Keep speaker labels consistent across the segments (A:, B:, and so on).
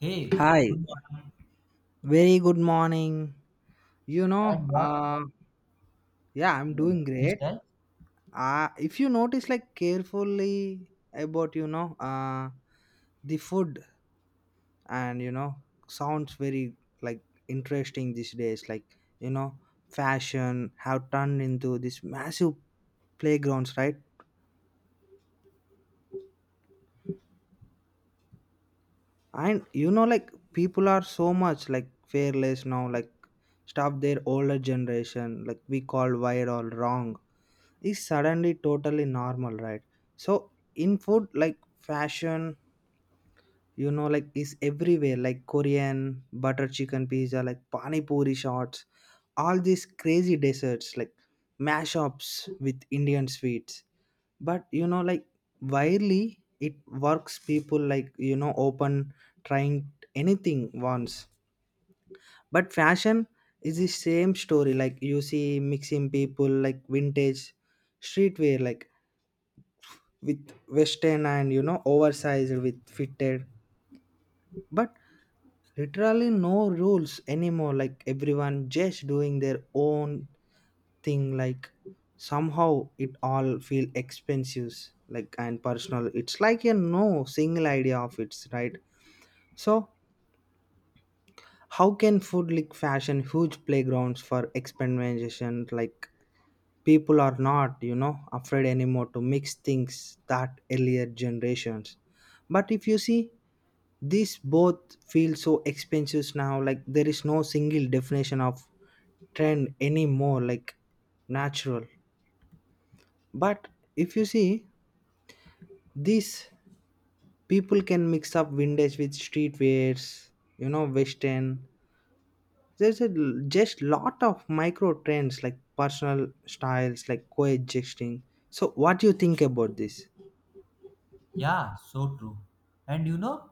A: Hey,
B: Hi,
A: good morning.
B: very good morning. You know,
A: And what
B: yeah, I'm doing great.
A: freestyle?
B: If you notice, like, carefully about, you know, the food and, you know, sounds very, like, interesting these days. Like, you know, fashion have turned into this massive playgrounds, right? And, you know, like, people are so much, like, fearless now, like, stop their older generation, like, we call right or wrong is suddenly totally normal, right. So in food like fashion, you know, like is everywhere, like Korean butter chicken pizza, like pani puri shots, all these crazy desserts like mashups with Indian sweets. But, you know, like widely it works, people like, you know, open trying anything once. But fashion is the same story, like you see mixing people like vintage streetwear, like with western and, you know, oversized with fitted, but literally no rules anymore, like everyone just doing their own thing, like somehow it all feel expensive, like and personal, it's like a no single idea of its right. So how can food like fashion huge playgrounds for experimentation, like people are not, you know, afraid anymore to mix things that earlier generations. But if you see these both feel so expensive now, like there is no single definition of trend anymore, like natural. But if you see these, people can mix up vintage with streetwears, you know, western. Just lot of micro trends like personal styles like coexisting. So what do you think about this?
A: Yeah, so true. And you know,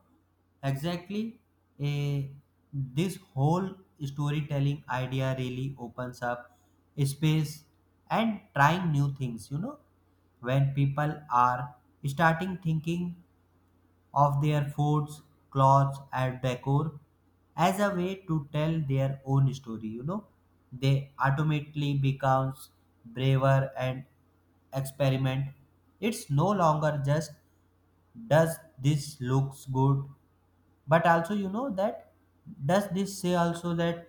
A: exactly, a this whole storytelling idea really opens up space and trying new things. You know, when people are starting thinking of their foods, clothes, and decor as a way to tell their own story. You know, they automatically becomes braver and experiment. It's no longer just does this looks good, but also you know that does this say also that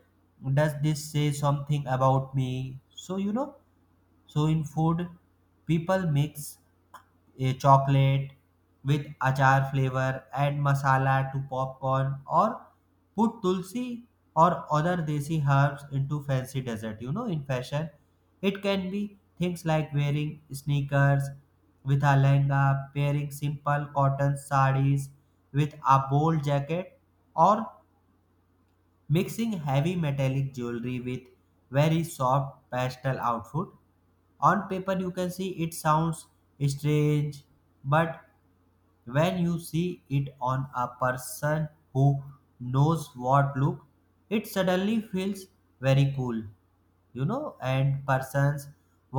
A: does this say something about me? So you know, so in food, people mix a chocolate with achar flavor, add masala to popcorn, or put tulsi or other desi herbs into fancy dessert. You know, in fashion it can be things like wearing sneakers with a lehenga, pairing simple cotton sarees with a bold jacket, or mixing heavy metallic jewelry with very soft pastel outfit. On paper you can see it sounds strange, but when you see it on a person who knows what look, it suddenly feels very cool. You know, and persons,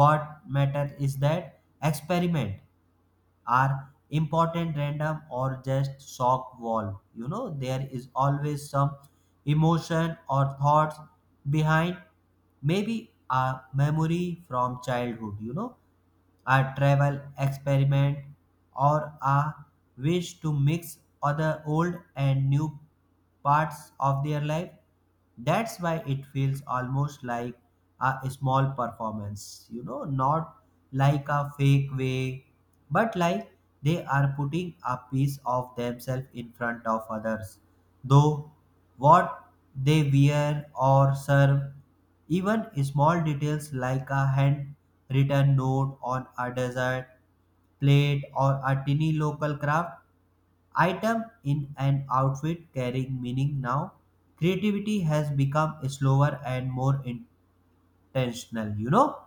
A: what matter is that experiment are important, random or just shock wall. You know, there is always some emotion or thoughts behind, maybe a memory from childhood, you know, a travel experiment, or a wish to mix other old and new parts of their life. That's why it feels almost like a small performance, you know, not like a fake way, but like they are putting a piece of themselves in front of others. Though what they wear or serve, even small details like a handwritten note on a dessert plate or a tiny local craft item in an outfit, carrying meaning now. Creativity has become slower and more intentional. You know,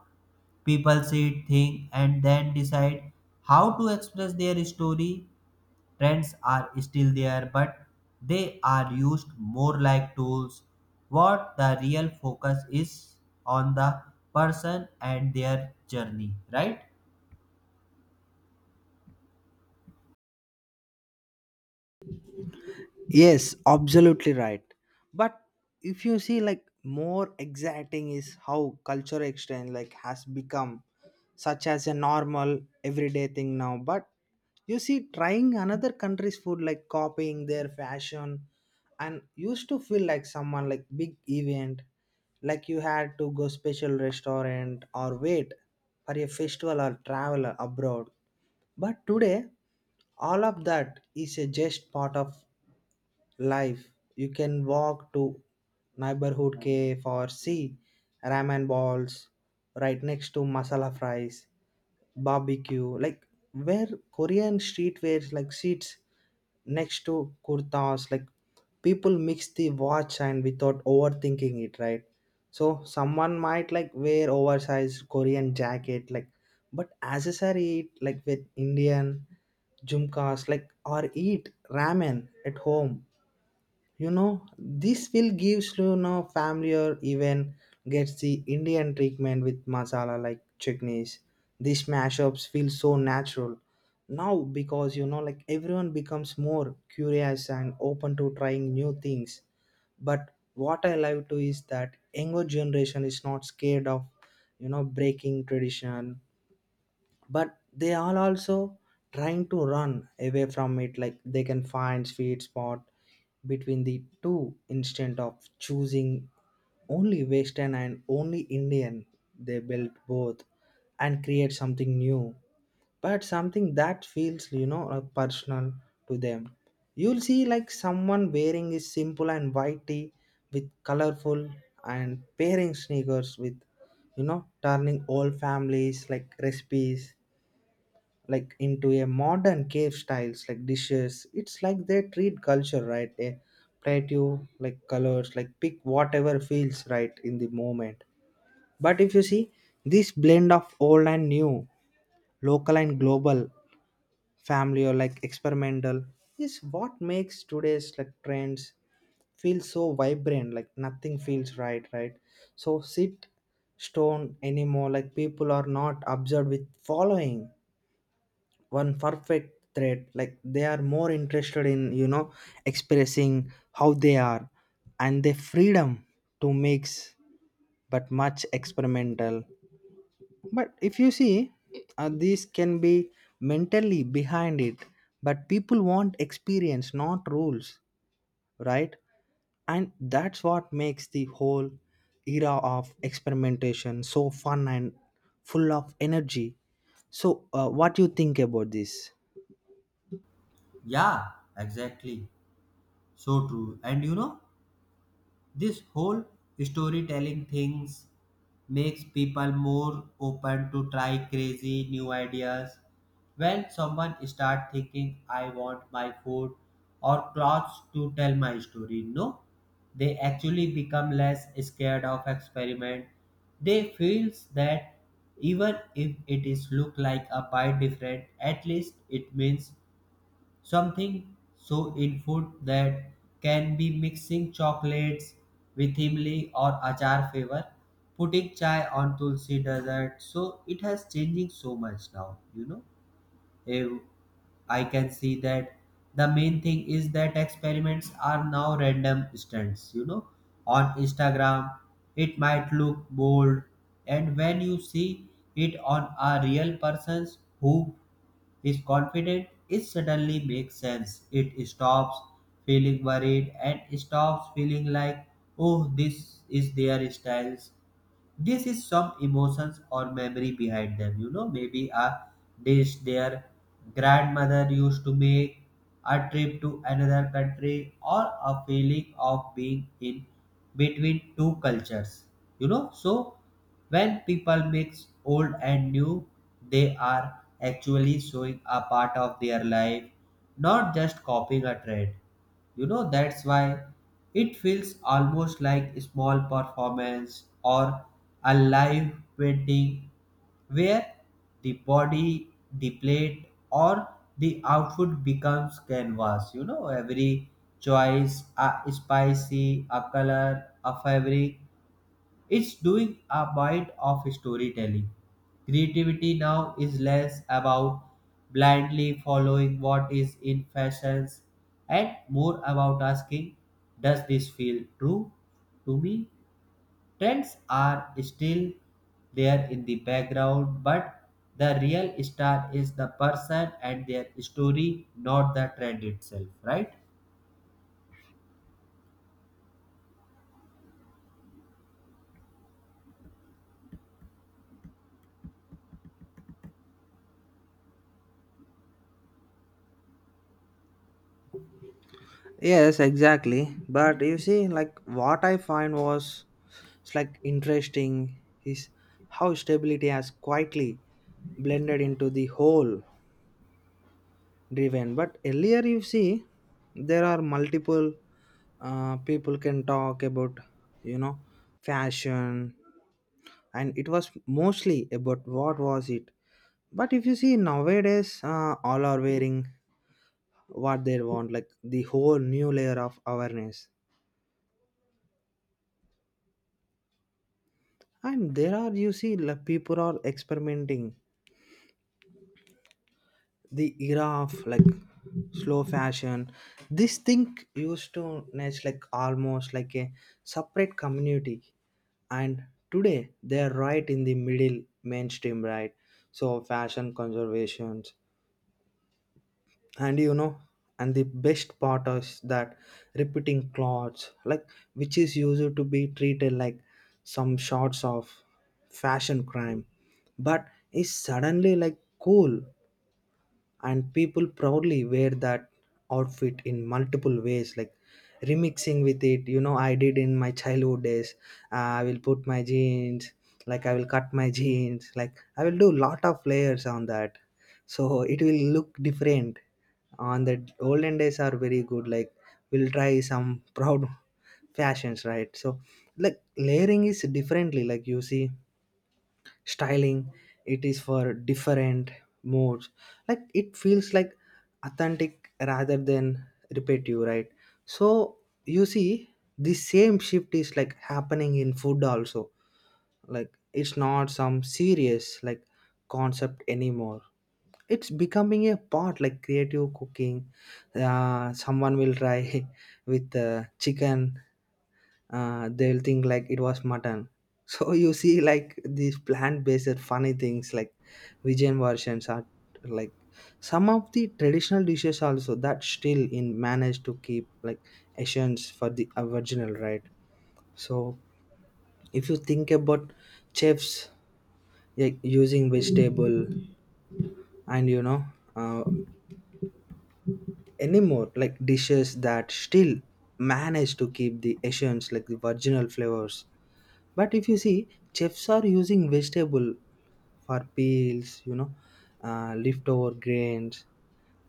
A: people sit, think, and then decide how to express their story. Trends are still there, but they are used more like tools. What the real focus is on the person and their journey, right?
B: Yes, absolutely right. But if you see, like, more exciting is how culture exchange like has become such as a normal everyday thing now. But you see, trying another country's food, like copying their fashion, and used to feel like someone like big event, like you had to go special restaurant or wait for a festival or travel abroad. But today, all of that is a just part of life. You can walk to neighborhood cave or see ramen balls right next to masala fries, barbecue, like where Korean streetwear like seats next to kurtas, like people mix the watch and without overthinking it, right? So someone might like wear oversized Korean jacket, like but accessory it like with Indian jumkas, like or eat ramen at home, you know, this will give Shlono family or even gets the Indian treatment with masala like chutneys. These mashups feel so natural now because, you know, like everyone becomes more curious and open to trying new things. But what I love too is that younger generation is not scared of, you know, breaking tradition, but they are also trying to run away from it, like they can find sweet spot between the two, instead of choosing only western and only Indian, they build both and create something new, but something that feels, you know, personal to them. You'll see like someone wearing a simple and white tee with colorful and pairing sneakers with, you know, turning all families like recipes like into a modern cave styles like dishes, it's like they treat culture right a plateau like colors like pick whatever feels right in the moment. But if you see this blend of old and new, local and global, family or like experimental, is what makes today's like trends feel so vibrant, like nothing feels right, right. So sit stone anymore, like people are not observed with following one perfect thread, like they are more interested in, you know, expressing how they are and their freedom to mix, but much experimental. But if you see, these can be mentally behind it, but people want experience not rules, right. And that's what makes the whole era of experimentation so fun and full of energy. So, what do you think about this?
A: Yeah, exactly, so true. And you know, this whole storytelling things makes people more open to try crazy new ideas. When someone start thinking I want my food or clothes to tell my story, no, they actually become less scared of experiment. They feels that even if it is look like a bite different, at least it means something. So in food that can be mixing chocolates with imli or achar flavor, putting chai on tulsi dessert. So it has changing so much now, you know. Eh, I can see that the main thing is that experiments are now random stunts, you know. On Instagram, it might look bold, and when you see it on a real persons who his confidence, it suddenly makes sense. It stops feeling worried and stops feeling like, oh, this is their styles. This is some emotions or memory behind them. You know, maybe a dish their grandmother used to make, a trip to another country, or a feeling of being in between two cultures. You know, so when people mix old and new, they are actually showing a part of their life, not just copying a trend. You know, that's why it feels almost like a small performance or a live painting, where the body, the plate, or the outfit becomes canvas. You know, every choice, a spicy, a color, a fabric, it's doing a bit of storytelling. Creativity now is less about blindly following what is in fashions and more about asking, does this feel true to me? Trends are still there in the background, but the real star is the person and their story, not the trend itself, right?
B: Yes, exactly. But you see, like what I find was, it's like interesting is how stability has quietly blended into the whole driven. But earlier, you see, there are multiple people can talk about, you know, fashion, and it was mostly about what was it. But if you see nowadays, all are wearing what they want, like the whole new layer of awareness, and there are, you see, like people are experimenting the era of like slow fashion, this thing used to nest like almost like a separate community, and today they are right in the middle mainstream, right. So fashion conservations, and, you know, and the best part is that repeating clothes, like which is used to be treated like some sorts of fashion crime, but is suddenly like cool, and people proudly wear that outfit in multiple ways, like remixing with it, you know, I did in my childhood days. I will put my jeans, like I will cut my jeans, like I will do lot of layers on that, so it will look different. On the olden days are very good, like we'll try some proud fashions, right. So like layering is differently, like you see styling, it is for different modes, like it feels like authentic rather than repetitive, right. So you see the same shift is like happening in food also, like it's not some serious like concept anymore, it's becoming a part like creative cooking. Someone will try with chicken, they'll think like it was mutton. So you see like these plant-based funny things like vegan versions are like some of the traditional dishes also that still in manage to keep like essence for the original, right? So if you think about chefs like using vegetable and, you know, uh, anymore like dishes that still manage to keep the essence like the original flavors. But if you see, chefs are using vegetable for peels, you know, leftover grains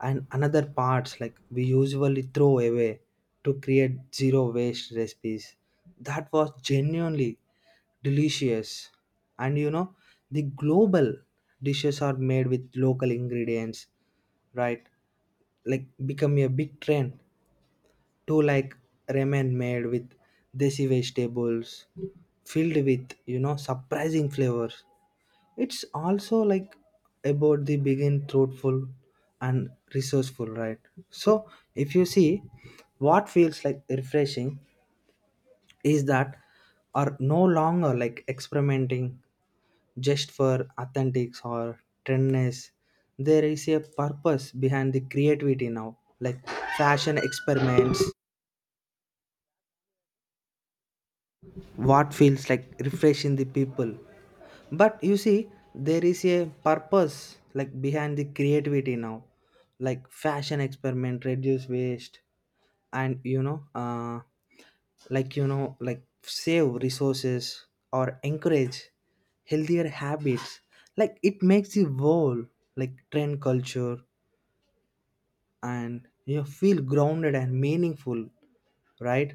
B: and another parts like we usually throw away to create zero waste recipes. That was genuinely delicious. And, you know, the global dishes are made with local ingredients, right? Like become a big trend to like ramen made with desi vegetables filled with, you know, surprising flavors. It's also like about the begin thoughtful and resourceful, right. So if you see what feels like refreshing is that are no longer like experimenting just for authentics or trendness, there is a purpose behind the creativity now, like fashion experiments, what feels like refreshing the people. But you see there is a purpose like behind the creativity now, like fashion experiment reduce waste, and, you know, like, you know, like save resources or encourage healthier habits, like it makes the whole like trend culture and you feel grounded and meaningful, right.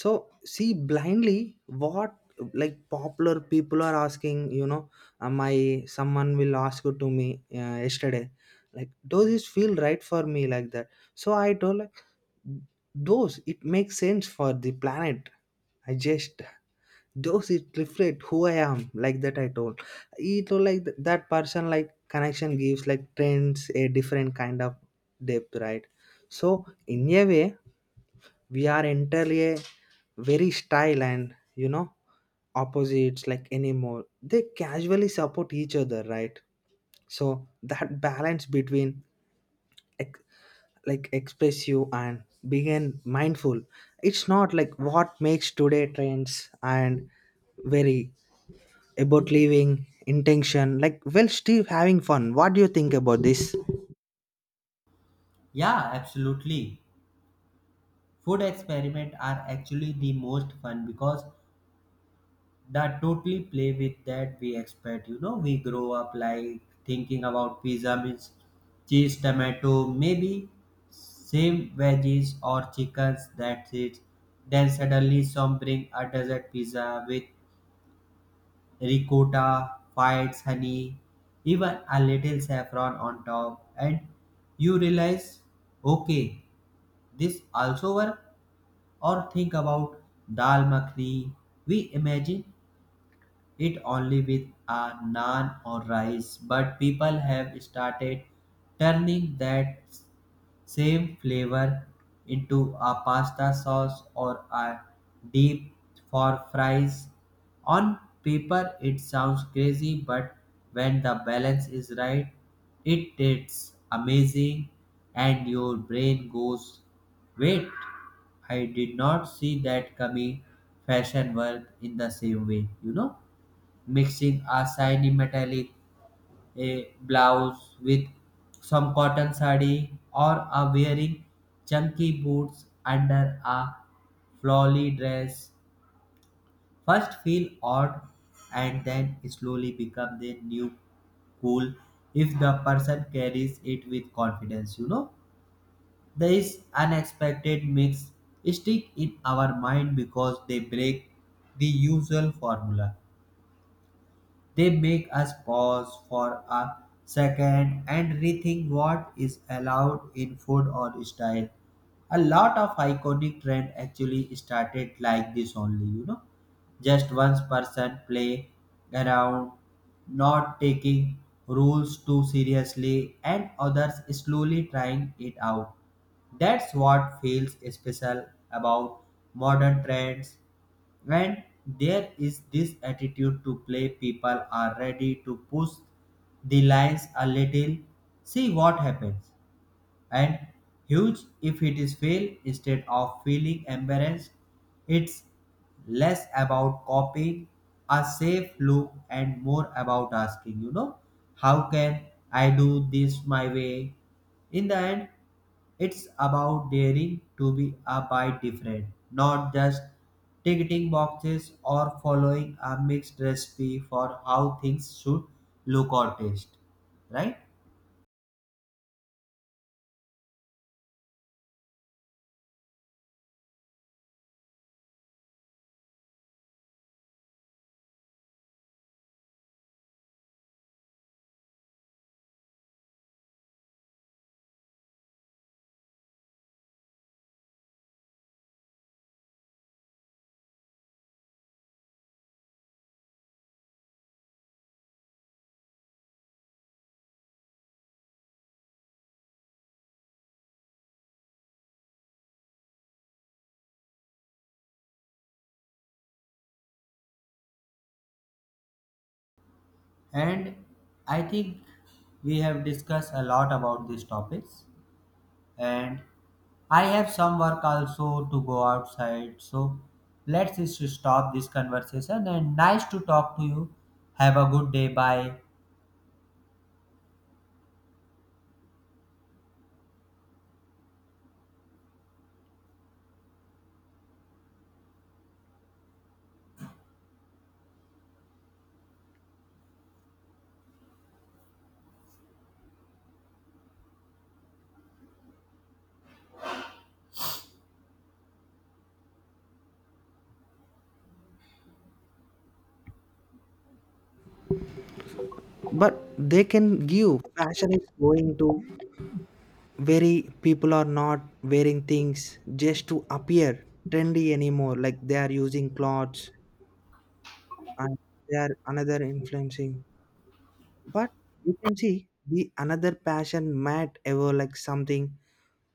B: So see blindly what like popular people are asking, you know, my someone will ask it to me yesterday, like does this feel right for me, like that. So I told like those it makes sense for the planet, I just those it reflect who I am, like that I told it all like that person like connection gives like trends a different kind of depth, right. So in a way we are entirely a very style and, you know, opposites like anymore they casually support each other, right. So that balance between ex- like expressive and being mindful, it's not like what makes today trends and very about leaving intention like well steve having fun. What do you think about this?
A: Yeah, absolutely. Food experiments are actually the most fun because that totally play with that we expect. You know, we grow up like thinking about pizza means cheese, tomato, maybe same veggies or chickens, that's it. Then suddenly some bring a dessert pizza with ricotta, fights honey, even a little saffron on top, and you realize, okay, this also work. Or think about dal makhni, we imagine it only with a naan or rice, but people have started turning that same flavor into a pasta sauce or a dip for fries. On paper it sounds crazy, but when the balance is right, it tastes amazing, and your brain goes wait, I did not see that coming. Fashion work in the same way, you know, mixing a shiny metallic a blouse with some cotton sari, or a wearing chunky boots under a flowy dress first feel odd, and then slowly become the new cool if the person carries it with confidence. You know, this unexpected mix stick in our mind because they break the usual formula. They make us pause for a second and rethink what is allowed in food or style. A lot of iconic trend actually started like this only, you know, just one person play around, not taking rules too seriously, and others slowly trying it out. That's what feels special about modern trends. When there is this attitude to play, people are ready to push the lines a little, see what happens, and huge if it is fail instead of feeling embarrassed. It's less about copying a safe look and more about asking, you know, how can I do this my way? In the end, it's about daring to be a bit different, not just ticking boxes or following a mixed recipe for how things should look or taste, right? And I think we have discussed a lot about these topics, and I have some work also to go outside, so let's just stop this conversation. And nice to talk to you. Have a good day. Bye.
B: But they can give fashion is going to very people are not wearing things just to appear trendy anymore, like they are using clothes and they are another influencing. But you can see the another passion might ever like something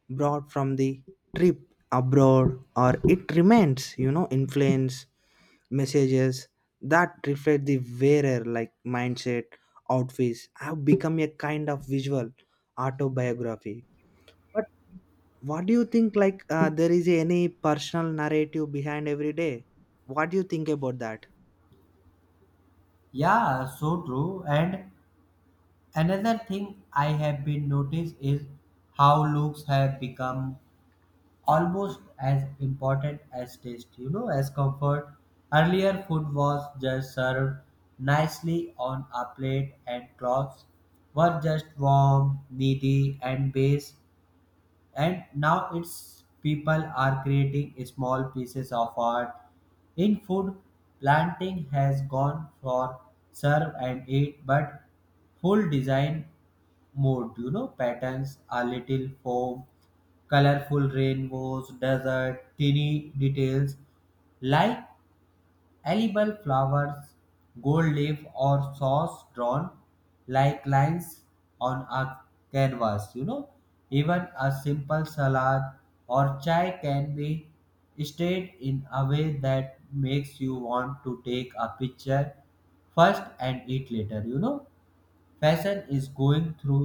B: brought from the trip abroad, or it remains, you know, influence messages that reflect the wearer like mindset. Outfits have become a kind of visual autobiography. But what do you think, like, there is any personal narrative behind every day? What do you think about that?
A: Yeah, so true. And another thing I have been noticed is how looks have become almost as important as taste, you know, as comfort. Earlier, food was just served nicely on a plate, and cloths were just warm, needy, and base. And now it's people are creating small pieces of art in food. Planting has gone for serve and eat, but full design mode. You know, patterns, a little foam, colorful rainbows, desert tiny details like edible flowers, gold leaf, or sauce drawn like lines on a canvas. You know, even a simple salad or chai can be stayed in a way that makes you want to take a picture first and eat later. You know, fashion is going through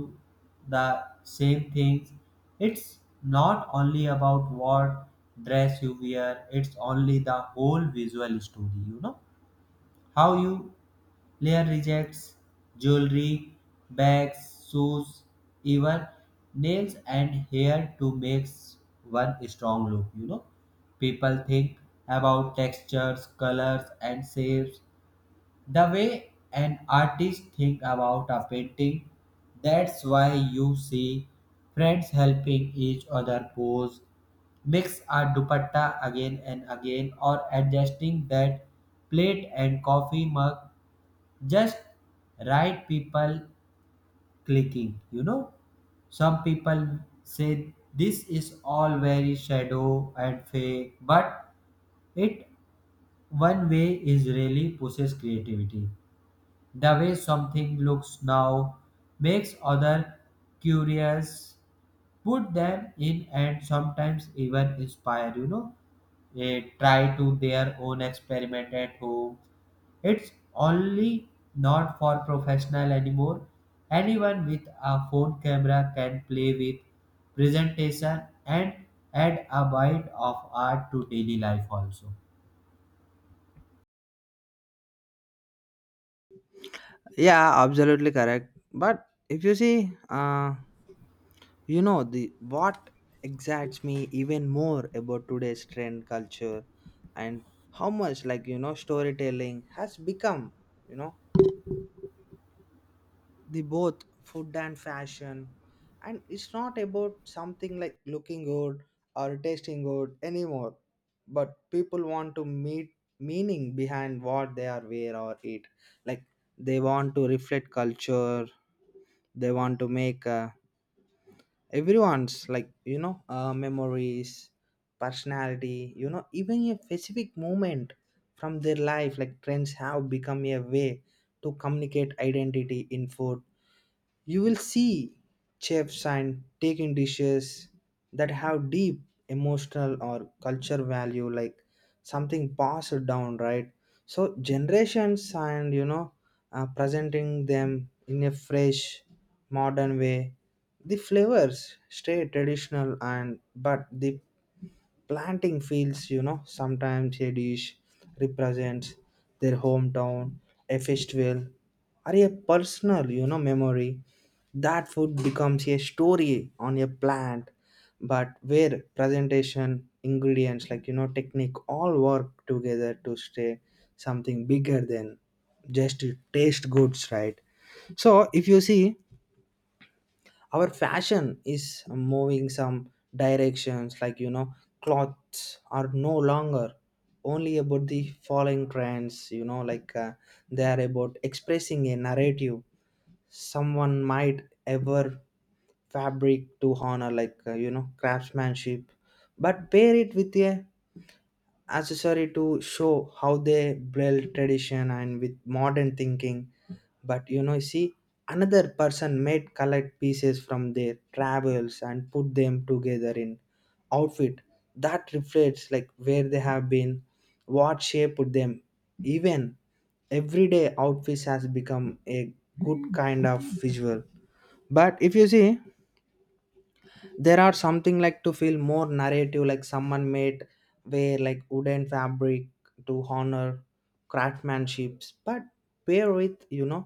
A: the same things. It's not only about what dress you wear, it's only the whole visual story. You know, how you layer rejects, jewelry, bags, shoes, even nails and hair to make one strong look. You know, people think about textures, colors, and shapes the way an artist think about a painting. That's why you see friends helping each other pose, mix a dupatta again and again, or adjusting that plate and coffee mug just right, people clicking. You know, some people say this is all very shadow and fake, but it one way is really pushes creativity. The way something looks now makes other curious, put them in, and sometimes even inspire, you know, try to their own experiment at home. It's only not for professional anymore. Anyone with a phone camera can play with presentation and add a bite of art to daily life also.
B: Yeah, absolutely correct. But if you see, you know the what excites me even more about today's trend culture and how much, like, you know, storytelling has become, you know, the both food and fashion, and it's not about something like looking good or tasting good anymore, but people want to meet meaning behind what they are wear or eat, like they want to reflect culture, they want to make, everyone's like, you know, memories personality, you know, even a specific moment from their life, like trends have become a way to communicate identity. In food you will see chefs and taking dishes that have deep emotional or culture value, like something passed down, right? So generations and, you know, presenting them in a fresh, modern way. The flavors stay traditional, and but the planting fields, you know, sometimes a dish represents their hometown, a festival, or a personal, you know, memory, that food becomes a story on a plant. But where presentation, ingredients, like, you know, technique, all work together to stay something bigger than just taste goods, right. So if you see our fashion is moving some directions, like, you know, clothes are no longer only about the following trends, you know, like, they are about expressing a narrative, someone might ever fabric to honor, like, you know, craftsmanship, but pair it with a accessory to show how they blend tradition and with modern thinking. But, you know, you see another person made collect pieces from their travels and put them together in outfit that reflects like where they have been, what shaped them. Even everyday outfits has become a good kind of visual. But if you see there are something like to feel more narrative, like someone made wear like wooden fabric to honor craftsmanships, but pair with, you know,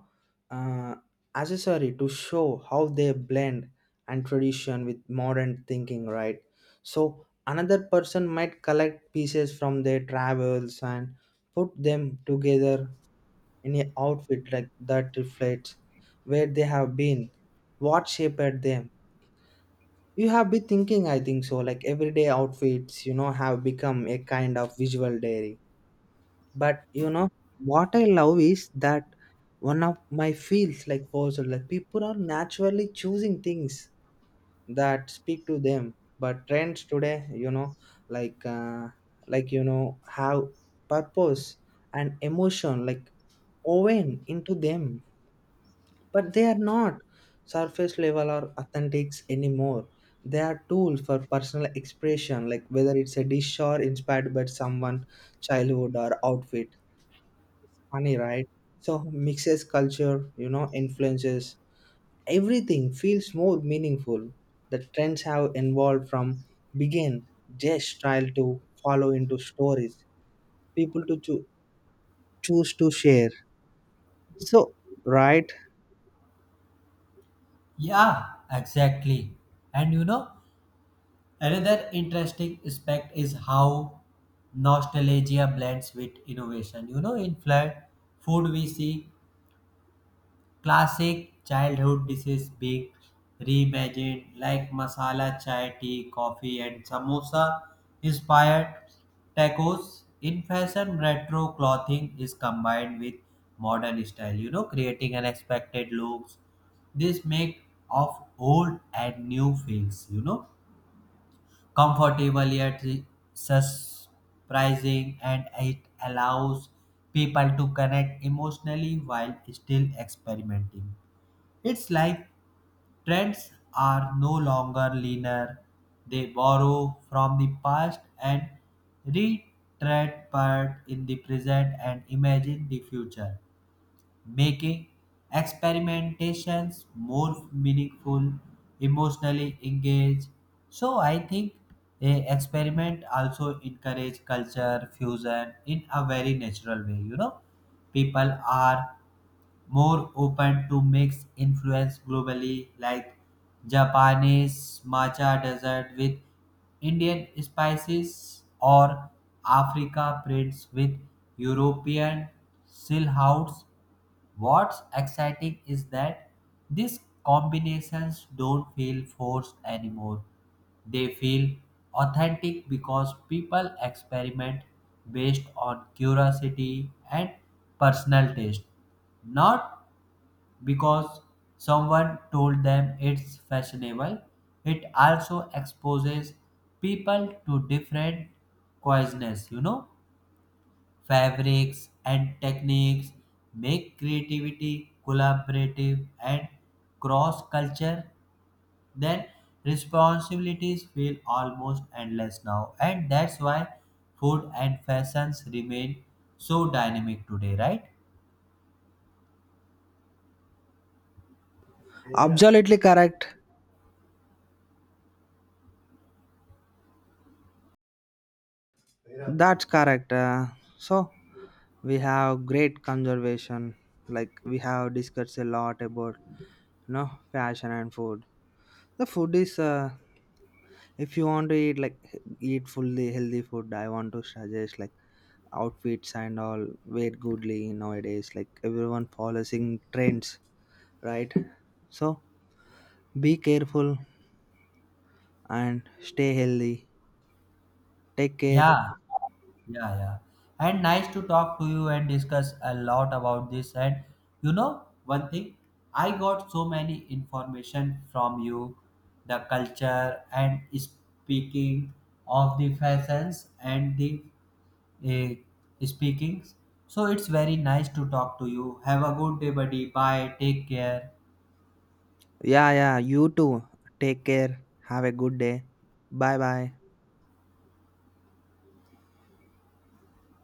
B: uh, accessory to show how they blend and tradition with modern thinking, right. So another person might collect pieces from their travels and put them together in a outfit like that reflects where they have been, what shaped them. You have been thinking, I think so, like everyday outfits, you know, have become a kind of visual diary. But, you know, what I love is that one of my feels like also like people are naturally choosing things that speak to them, but trends today, you know, like, like, you know, have purpose and emotion like woven into them, but they are not surface level or authentics anymore, they are tools for personal expression, like whether it's a dish or inspired by someone childhood or outfit funny, right. So mixes culture, you know, influences, everything feels more meaningful. The trends have evolved from begin just style to follow into stories people to choose to share. So right.
A: Yeah, exactly. And you know, another interesting aspect is how nostalgia blends with innovation. You know, in flood food, we see classic childhood dishes being reimagined, like masala chai, tea, coffee, and samosa inspired tacos. In fashion, retro clothing is combined with modern style, you know, creating unexpected looks. This make of old and new feels, you know, comfortable yet surprising, and it allows people to connect emotionally while still experimenting. It's like trends are no longer linear, they borrow from the past and retread part in the present and imagine the future, making experimentations more meaningful, emotionally engaged. So I think a experiment also encourage culture fusion in a very natural way. You know, people are more open to mix influence globally, like Japanese matcha dessert with Indian spices, or Africa prints with European silhouettes. What's exciting is that these combinations don't feel forced anymore. They feel authentic because people experiment based on curiosity and personal taste, not because someone told them it's fashionable. It also exposes people to different cuisines, you know, fabrics, and techniques, make creativity collaborative and cross culture, then responsibilities feel almost endless now. And that's why food and fashions remain so dynamic today, right?
B: Absolutely correct. That's correct. So we have great conservation. Like we have discussed a lot about, you know, fashion and food. The food is, if you want to eat like eat fully healthy food, I want to suggest like outfits and all wear goodly nowadays. Like everyone following trends, right? So be careful and stay healthy. Take care.
A: Yeah, yeah, yeah. And nice to talk to you and discuss a lot about this. And you know, one thing, I got so many information from you, the culture and speaking of the fashions and the speakings. So it's very nice to talk to you. Have a good day, buddy. Bye. Take care.
B: Yeah, yeah. You too. Take care. Have a good day. Bye bye.